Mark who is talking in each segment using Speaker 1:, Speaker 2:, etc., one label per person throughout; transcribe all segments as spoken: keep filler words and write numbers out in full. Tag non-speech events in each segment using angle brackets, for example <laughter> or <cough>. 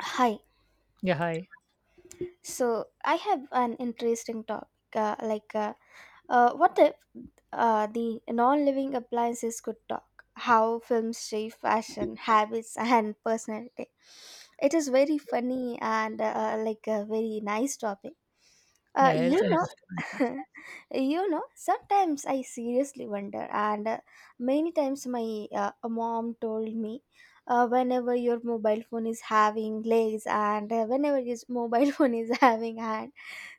Speaker 1: Hi.
Speaker 2: Yeah, hi.
Speaker 1: So I have an interesting topic. Uh, like uh, uh, what if uh, the non living appliances could talk? How films shape fashion, habits, and personality. It is very funny and uh, like a very nice topic. Uh,
Speaker 2: Yeah, it's
Speaker 1: you know,
Speaker 2: interesting.
Speaker 1: <laughs> you know, Sometimes I seriously wonder, and uh, many times my uh, mom told me. Uh, whenever your mobile phone is having legs, and uh, whenever your mobile <laughs> phone is having hand,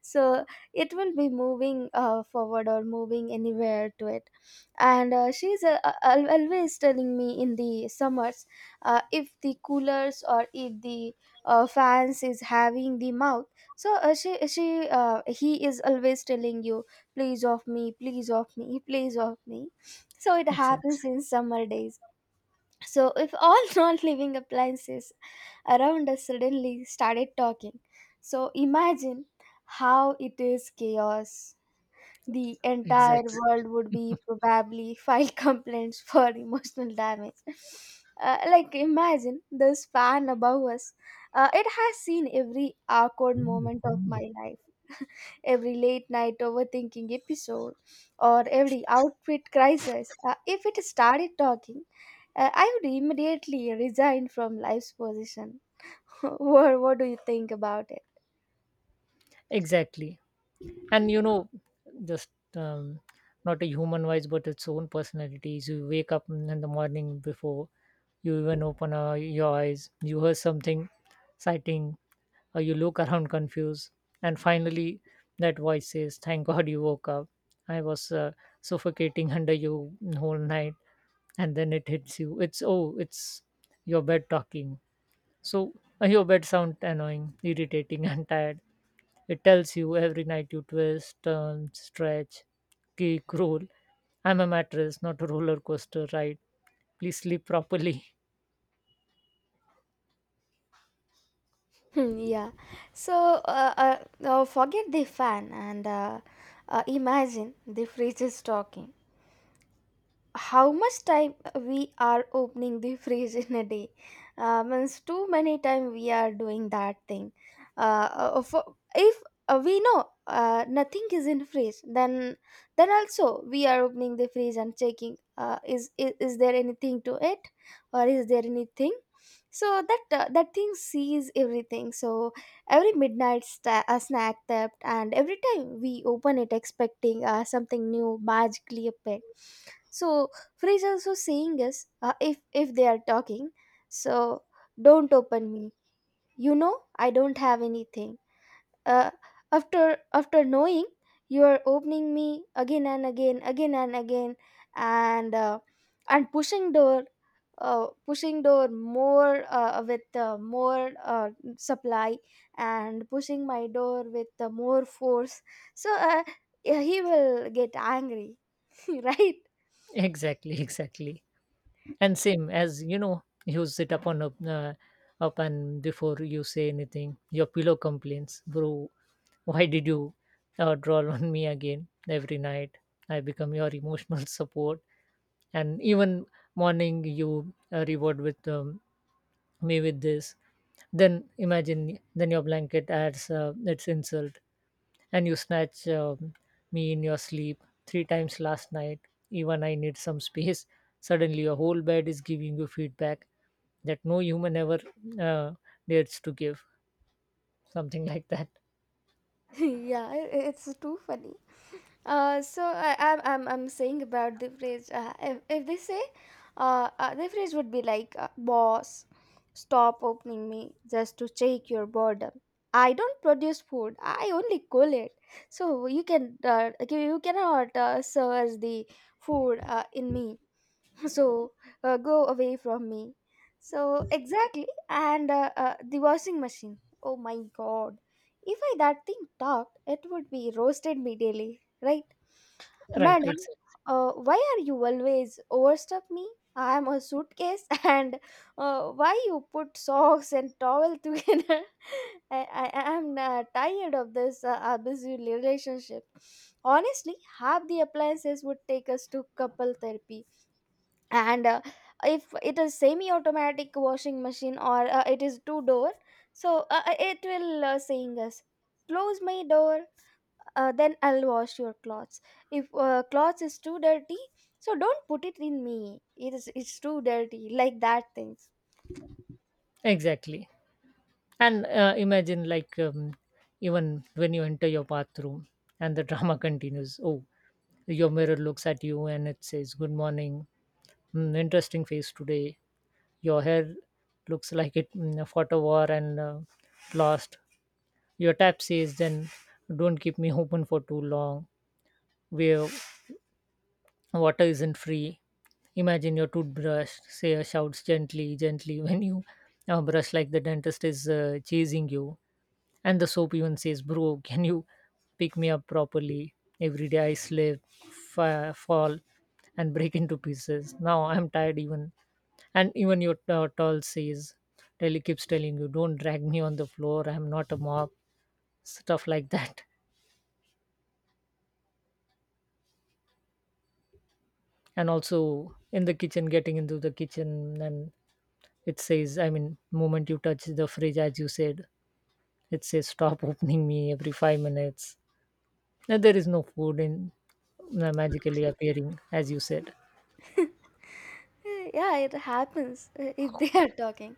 Speaker 1: so it will be moving uh, forward or moving anywhere to it. And uh, she's uh, uh, al- always telling me in the summers, uh, if the coolers or if the uh, fans is having the mouth, so uh, she she uh, he is always telling you, "Please off me, please off me, please off me." So it
Speaker 2: Exactly.
Speaker 1: happens in summer days. So, if all <laughs> non living appliances around us suddenly started talking, so imagine how it is chaos. The entire
Speaker 2: Exactly.
Speaker 1: world would be probably <laughs> file complaints for <laughs> emotional damage. Uh, like, imagine this fan above us. Uh, it has seen every awkward moment of my life, every late night overthinking episode, or every outfit crisis. Uh, if it started talking, uh, I would immediately resign from life's position. <laughs> What, what do you think about it?
Speaker 2: Exactly. And you know, just um, not a human voice, but its own personalities. You wake up in in the morning before you even open uh, your eyes, you hear something exciting, or you look around confused. And finally, that voice says, "Thank God you woke up. I was uh, suffocating under you whole night." And then it hits you. It's, oh, it's your bed talking. So your bed sounds annoying, irritating, <laughs> and tired. It tells you every night you twist, turn, stretch, kick, roll. "I'm a mattress, not a roller coaster ride. Please sleep properly."
Speaker 1: Hmm, yeah. So uh, uh, uh, forget the fan, and uh, uh, imagine the fridge is talking. How much time we are opening the <laughs> fridge in a day? Uh, means too many time we are doing that thing. uh, uh, for, if uh, we know uh, nothing is in fridge, then then also we are opening the fridge and checking, uh, is, is is there anything to it, or is there anything? So that uh, that thing sees everything. So every midnight sta- a snack theft, and every time we open it expecting uh, something new magically appear. So Freeze also saying is, uh, if if they are talking, so don't open me. You know I don't have anything. uh, after after knowing you are opening me again and again, again and again, and uh, and pushing door, uh, pushing door more, uh, with uh, more uh, supply, and pushing my door with uh, more force. So, uh, yeah, he will get angry. <laughs> Right.
Speaker 2: <laughs> Exactly, exactly. And same as you know, you sit up on up uh, up and before you say anything, your pillow complains, "Bro, why did you uh, draw on me again every night? I become your emotional <laughs> support, and even morning you uh, reward with um, me with this." Then imagine then your blanket adds uh, its insult. "And you snatch um, me in your sleep three times last night. Even I need some space." <laughs> Suddenly your whole bed is giving you feedback that no human ever uh, dares to give, something <laughs> like that.
Speaker 1: <laughs> yeah, i- i- it's too funny. Uh, so I, I'm I'm I'm saying about the phrase. Uh, if if they say, uh, uh the phrase would be like, uh, "Boss, stop opening me just to check your boredom. I don't produce food. I only cool it. So you can, uh, okay, you cannot uh, search the food uh, in me. <laughs> So, uh, go away from me." So exactly, and uh, uh, the washing machine. Oh my God! If I that thing talked, it would be roasted me daily, right?
Speaker 2: Right,
Speaker 1: Madam,
Speaker 2: ex-
Speaker 1: uh, why are you always overstuff me? I am a suitcase, <laughs> and uh, why you put socks and towel together? <laughs> I, I I am uh, tired of this uh, abusive relationship. Honestly, half the appliances would take us to couple therapy. And uh, if it is semi-automatic washing machine, or uh, it is two door, so uh, uh, it will uh, saying us, close my door, uh, then I'll wash your clothes. If uh, clothes is too dirty, so don't put it in me. It is it's too dirty, like that things.
Speaker 2: exactly. And uh, imagine, like, um, even when you enter your bathroom and the drama <laughs> continues. Oh, your mirror looks at you and it says, "Good morning. Mm, interesting face today. Your hair looks like it mm, fought a war and uh, lost." Your tap says, "Then don't keep me <laughs> open for too long. We're water isn't free." Imagine your toothbrush say uh, shouts gently, gently, <laughs> when you uh, brush like the dentist is uh, chasing you. And the soap even says, "Bro, can you pick me up properly? Every day I slip, fa- fall, and break into pieces. Now I'm tired even." And even your uh, tall says, telly keeps telling you, "Don't drag me on the floor, I'm not a mop." Stuff like that. And also in the kitchen, getting into the kitchen and it says, I mean, moment you touch the fridge, as you said, it says, "Stop <laughs> opening me every five minutes. Now, there is no food in uh, magically appearing," as you said.
Speaker 1: <laughs> Uh, yeah, it happens, uh, if they are talking.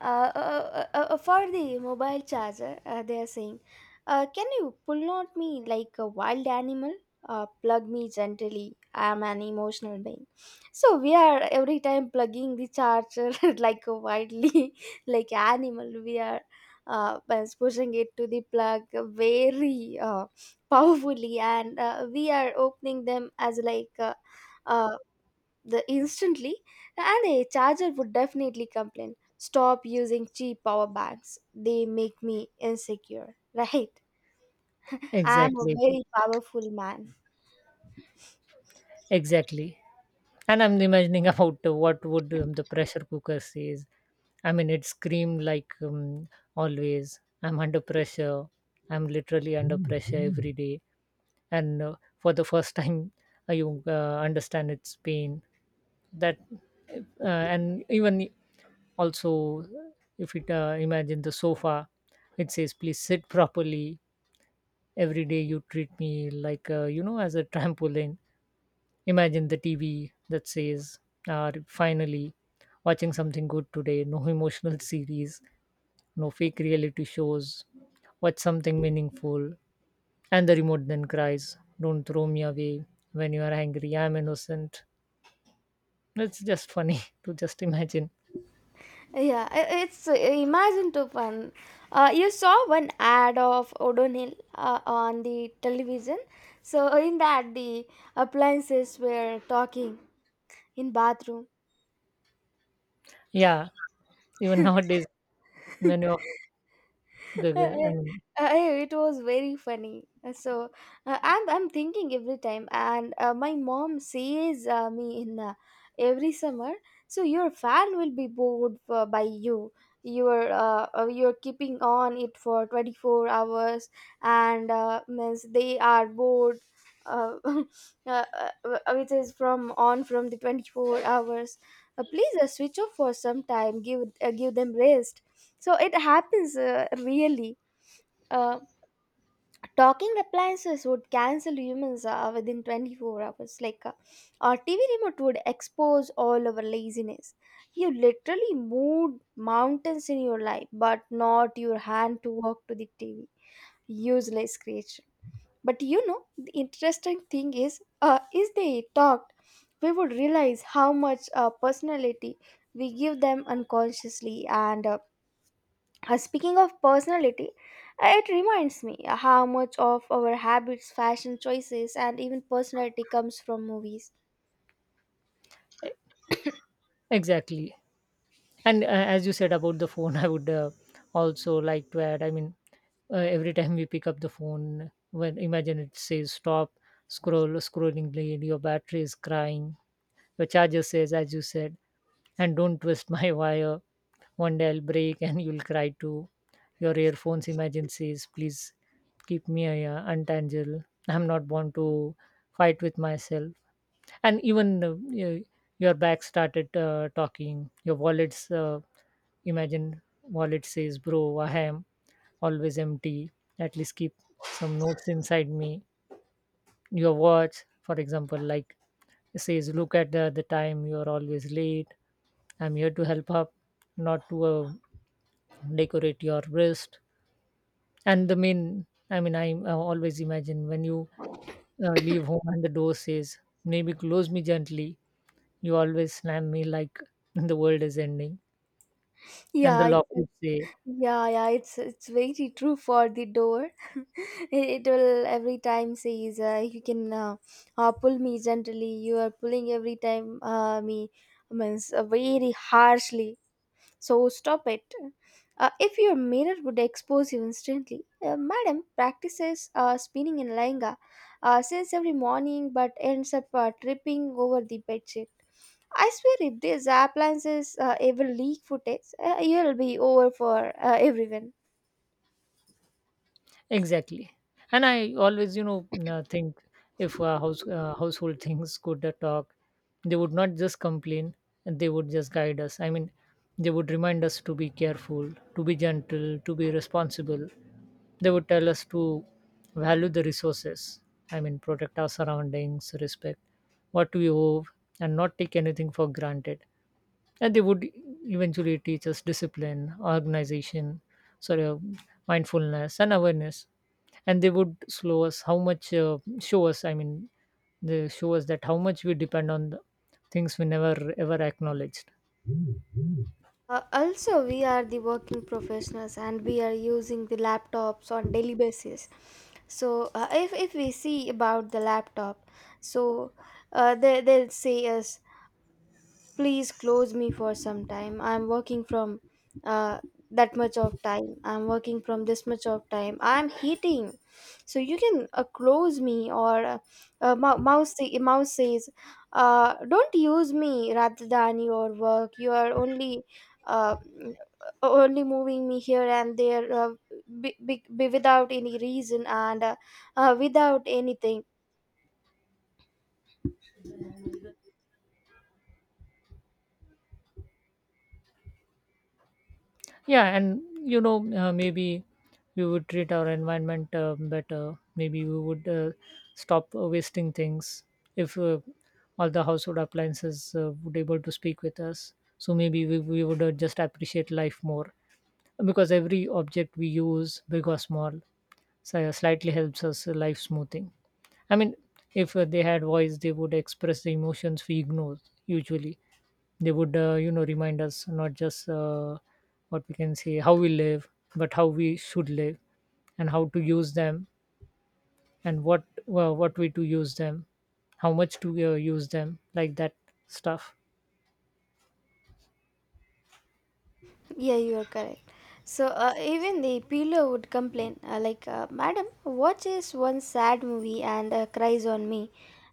Speaker 1: uh, uh, uh, uh, For the mobile charger, uh, they are saying, uh, can you pull out me like a wild animal? Uh, plug me gently, I am an emotional being. So we are every time plugging the charger <laughs> like a wildly <laughs> like animal. We are uh, pushing it to the plug very uh, powerfully, and uh, we are opening them as like uh, the instantly. And a charger would definitely complain, stop using cheap power banks, they make me insecure, right? <laughs> I'm a
Speaker 2: Exactly,
Speaker 1: very powerful man.
Speaker 2: exactly. And I'm imagining <laughs> about uh, what would um, the pressure cooker says. I mean, it screamed like um, always. "I'm under pressure. I'm literally under pressure every day." And uh, for the first <laughs> time, uh, you uh, understand its pain. That uh, and even also if it uh, imagine the sofa, it says, "Please sit properly. Every day you treat me like, uh, you know, as a trampoline." Imagine the TV that says, uh, "Finally watching something good today. No emotional <laughs> series, no fake reality shows. Watch something meaningful." And the remote then cries, "Don't throw me away when you are angry. I'm innocent." It's just funny <laughs> to just imagine.
Speaker 1: Yeah, i- it's uh, imagine to fun. Uh, you saw one ad of odonil uh, on the television. So in that, the appliances were talking in bathroom.
Speaker 2: Yeah, even nowadays,
Speaker 1: <laughs>
Speaker 2: many of
Speaker 1: <laughs>
Speaker 2: the,
Speaker 1: Uh,
Speaker 2: I
Speaker 1: uh,
Speaker 2: mean.
Speaker 1: uh, it was very funny. Uh, So uh, I'm I'm thinking every time, and uh, my mom says uh, me in uh, every summer. So your fan will be bored for, by you. You're uh, uh, you're keeping on it for twenty-four hours, and uh, means they are bored. Uh, <laughs> uh, uh, uh, which is from on from the twenty-four hours. Uh, please uh, switch off for some time. Give uh, give them rest, so it happens uh, really. Uh, Talking appliances would cancel humans uh, within twenty-four hours. Like, uh, our T V remote would expose all our laziness. You literally moved mountains in your life, but not your hand to walk to the T V. Useless creation. But you know, the interesting thing is, uh, if they talked, we would realize how much uh, personality we give them unconsciously. And uh, uh, speaking of personality, uh, it reminds me how much of our habits, fashion choices, and even personality comes from movies.
Speaker 2: Exactly. And uh, as you said about the phone, <laughs> I would uh, also like to add, I mean, uh, every time we pick up the phone, when imagine it says, "Stop, scroll, scrolling blade, your battery is crying." Your charger says, as you said, and "Don't twist my <laughs> wire. One day I'll break and you'll cry too." Your earphones imagine says, "Please keep me uh, untangled. I'm not born to fight with myself." And even uh, y- your back started uh, talking, your wallet's. Uh, Imagine wallet says, "Bro, I am always empty. At least keep some notes inside me." Your watch, for example, like, says, "Look at the, the time, you are always late. I'm here to help up, not to uh, decorate your wrist." And the main, I mean, I uh, always imagine when you uh, leave home and the door says, "Maybe close me gently, you always slam me like <laughs> the world is ending." And the
Speaker 1: Yeah,
Speaker 2: lock
Speaker 1: it's,
Speaker 2: would say,
Speaker 1: yeah, yeah. It's it's very true for the door. <laughs> It will every time says, uh, you can uh, uh, pull me gently. You are pulling every time uh, me, means uh, very harshly. So stop it. Uh, if your mirror would expose you instantly. Uh, madam practices uh, spinning in Lenga, uh, since every morning, but ends up uh, tripping over the bedsheet. I swear if these appliances uh, ever leak footage, uh, you'll be over for uh, everyone.
Speaker 2: exactly. And I always, you know, uh, think if uh, house, uh, household <laughs> things could uh, talk, they would not just complain, and they would just guide us. I mean, they would remind us to be careful, to be gentle, to be responsible. They would tell us to value the resources. I mean, protect our surroundings, respect what we owe, and not take anything for granted. And they would eventually teach us discipline, organization, sorry, uh, mindfulness and awareness. And they would slow us how much, uh, show us, I mean, they show us that how much we depend on the things we never ever acknowledged.
Speaker 1: Uh, also, we are the working professionals and we are using the laptops on daily basis. So, uh, if, if we see about the laptop, so uh, they, they'll say us, please close me for some time. I'm working from uh, that much of time, I'm working from this much of time, I'm heating. So you can uh, close me. Or uh, uh, mou- mouse say- mouse says, uh, don't use me. Rather than your work, you are only uh, only moving me here and there, uh, be, be, be without any reason, and uh, uh, without anything.
Speaker 2: Yeah, and you know, uh, maybe we would treat our environment uh, better. Maybe we would uh, stop uh, wasting things if uh, all the household appliances uh, would able to speak with us. So maybe we, we would uh, just appreciate life more, because every object we use, big or small, si- slightly helps us life smoothing. I mean, if uh, they had voice, they would express the emotions we ignore usually. They would, uh, you know, remind us not just uh, what we can say, how we live, but how we should live, and how to use them, and what, well, what way to use them, how much to uh, use them, like that stuff.
Speaker 1: Yeah, you are correct. So uh, even the pillow would complain, uh, like, uh, "Madam, watches one sad movie and uh, cries on me,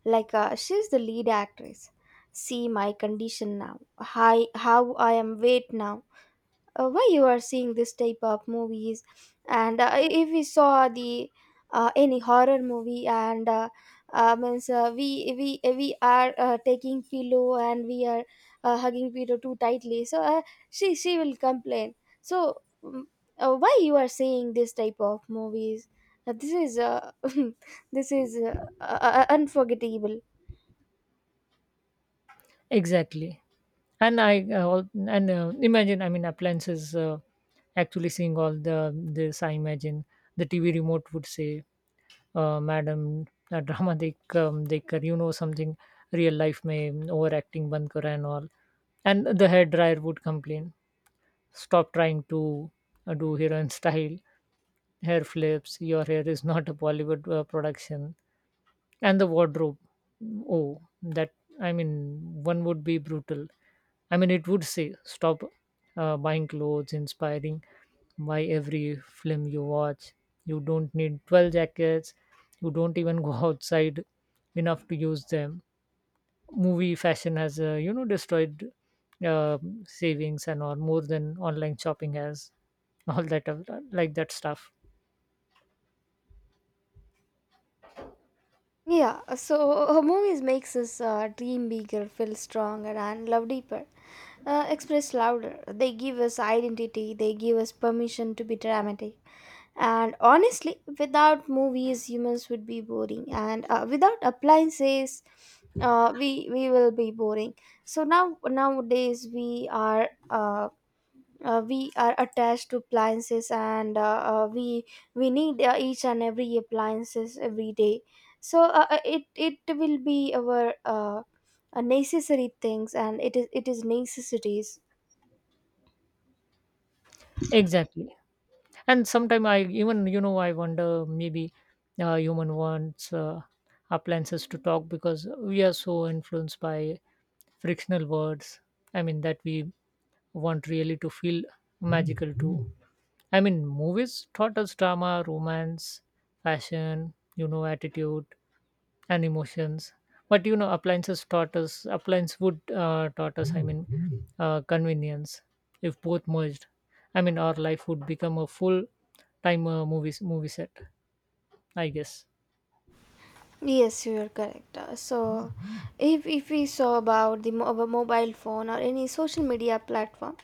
Speaker 1: like uh, she's the lead actress. See my condition now. Hi, how I am weight now? Uh, why you are seeing this type of movies? And uh, if we saw the, uh, any horror movie, and uh, uh, means uh, we we we are uh, taking pillow, and we are uh, hugging pillow too tightly, so uh, she she will complain, so mm, uh, why you are seeing this type of movies? Uh, this is, uh, <laughs> this is uh, uh, uh, unforgettable.
Speaker 2: Exactly. And I uh, al- and uh, imagine, I mean, appliances uh, actually seeing all the this, I imagine the TV remote would say, uh, "Madam, uh, drama <laughs> they come they kar, you know, something real life may, overacting band karo," and all. And the hair dryer would complain, "Stop trying to uh, do <laughs> heroin style hair flips. Your hair is not a Bollywood uh, production." And the wardrobe, oh, that, I mean, one would be brutal. I mean, it would say, "Stop uh, buying clothes inspiring. Why every film you watch? You don't need twelve jackets. You don't even go <laughs> outside enough to use them. Movie fashion has, uh, you know, destroyed uh, savings and or more than online shopping has," <laughs> all that, of- like that stuff.
Speaker 1: Yeah, so movies makes us uh, dream bigger, feel stronger, and love deeper, uh, express louder. They give us identity. They give us permission to be dramatic. And honestly, without movies, humans would be boring. And uh, without appliances, uh, we we will be boring. So now nowadays we are uh, uh, we are attached to appliances, and uh, uh, we we need uh, each and every appliances every day. So uh, uh, it it will be our uh, uh, necessary things, and it is it is necessities.
Speaker 2: Exactly. And sometimes I even, you know, I wonder, maybe uh, human wants uh, appliances to talk because we are so influenced by frictional words. I mean, that we want really to feel magical too. I mean, movies taught us drama, romance, fashion, you know, attitude and emotions. But you know, appliances taught us, appliance would uh, taught us, I mean, uh, convenience. If both merged, I mean, our life would become a full time uh, movie movie set, I guess.
Speaker 1: Yes, you are correct. Uh, so if if we saw about the mo- our mobile phone or any social media platform.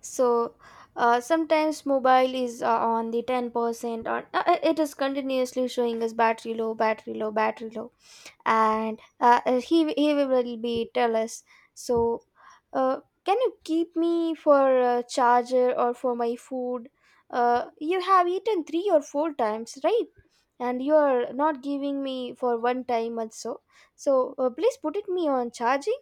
Speaker 1: So uh, sometimes mobile is uh, on the ten percent, or uh, uh, it is continuously showing us, battery low, battery low, battery low. And uh, uh, he he will be tell us, so uh, can you keep me for a charger, or for my food? Uh, you have eaten three or four times, right? And you are not giving me for one time also. So uh, please put it me on charging.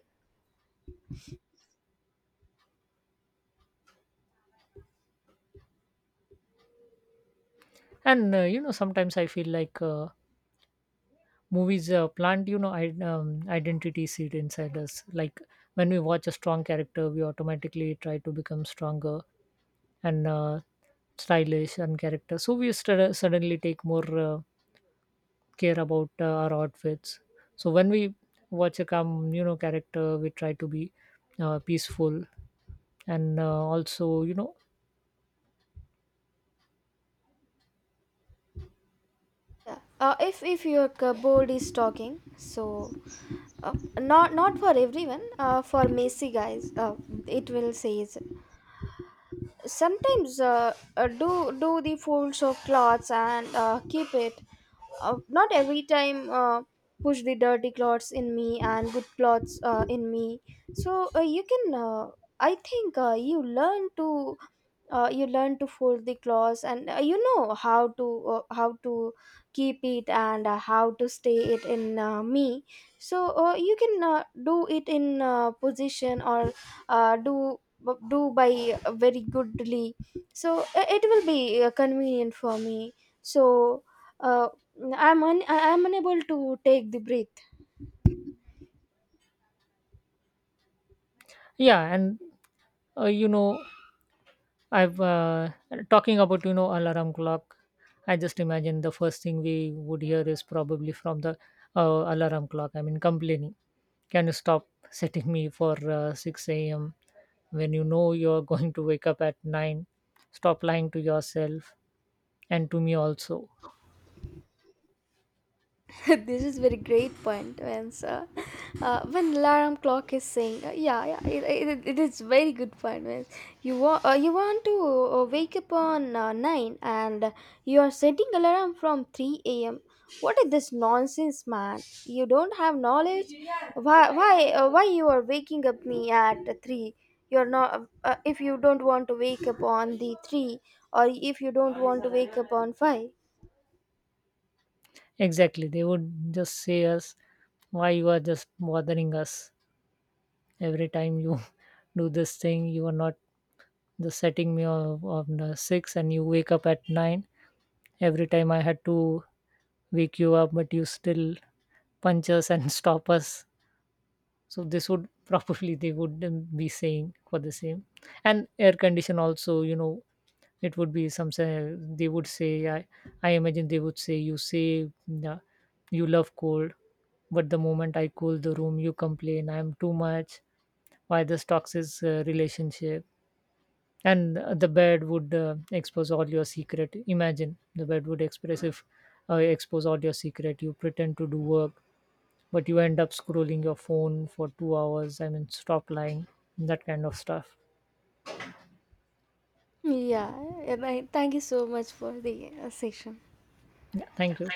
Speaker 2: And uh, you know, sometimes I feel like, Uh, movies uh, plant, you know, id- um, identity seed inside us. Like, when we watch a strong character, we automatically try to become stronger and uh, stylish and character. So we st- suddenly take more uh, care about uh, our outfits. So when we watch a calm, you know, character, we try to be uh, peaceful. And uh, also, you know,
Speaker 1: Yeah. Uh, if if your cupboard is talking, so uh, not not for everyone, uh, for messy guys, uh, it will says sometimes, uh, uh, do do the folds of clothes and uh, keep it. Uh, not every time uh, push the dirty clothes in me and good clothes uh, in me. So uh, you can, uh, I think uh, you learn to, uh, you learn to fold the clothes, and uh, you know how to, uh, how to keep it, and uh, how to stay it in, uh, me. So uh, you can uh, do it in uh, position, or uh, do uh, do by uh, very goodly. So uh, it will be uh, convenient for me. So uh, i'm un- I- I'm unable to take the breath.
Speaker 2: yeah. And uh, you know, I've uh, talking about, you know, alarm clock. I just imagine the first thing we would hear is probably from the uh, alarm clock, I mean, complaining. "Can you stop setting me for uh, six a m when you know you're <laughs> going to wake up at nine? Stop lying to yourself and to me also."
Speaker 1: <laughs> This is very great point when, uh, when alarm clock is saying, uh, yeah, yeah, it, it, it is very good point when you want, uh, you want to uh, wake up on uh, nine, and uh, you are setting alarm from three a m. What is this nonsense, man? You don't have knowledge. Why why uh, why you are waking up me at three? You're not, uh, if you don't want to wake up on the three, or if you don't want to wake up on five.
Speaker 2: Exactly. They would just say us, "Why you are just bothering us every time you <laughs> do this thing? You are not the setting me of, of the six, and you wake up at nine. Every time I had to wake you up, but you still punch us and <laughs> stop us." So this would <laughs> probably, they would, um, be saying for the same. And air condition also, you know, it would be some say, they would say, i i imagine they would say, you say, uh, "You love cold, but the moment I cool the room, you complain I'm too much. Why this toxic uh, relationship?" And uh, the bed would uh, expose all your secret. Imagine the bed would express if uh, expose all your secret, "You pretend to do work, but you end up scrolling your phone for two hours. I mean, stop lying." That kind of stuff.
Speaker 1: Yeah, and I thank you so much for the uh, session.
Speaker 2: Yeah, thank you.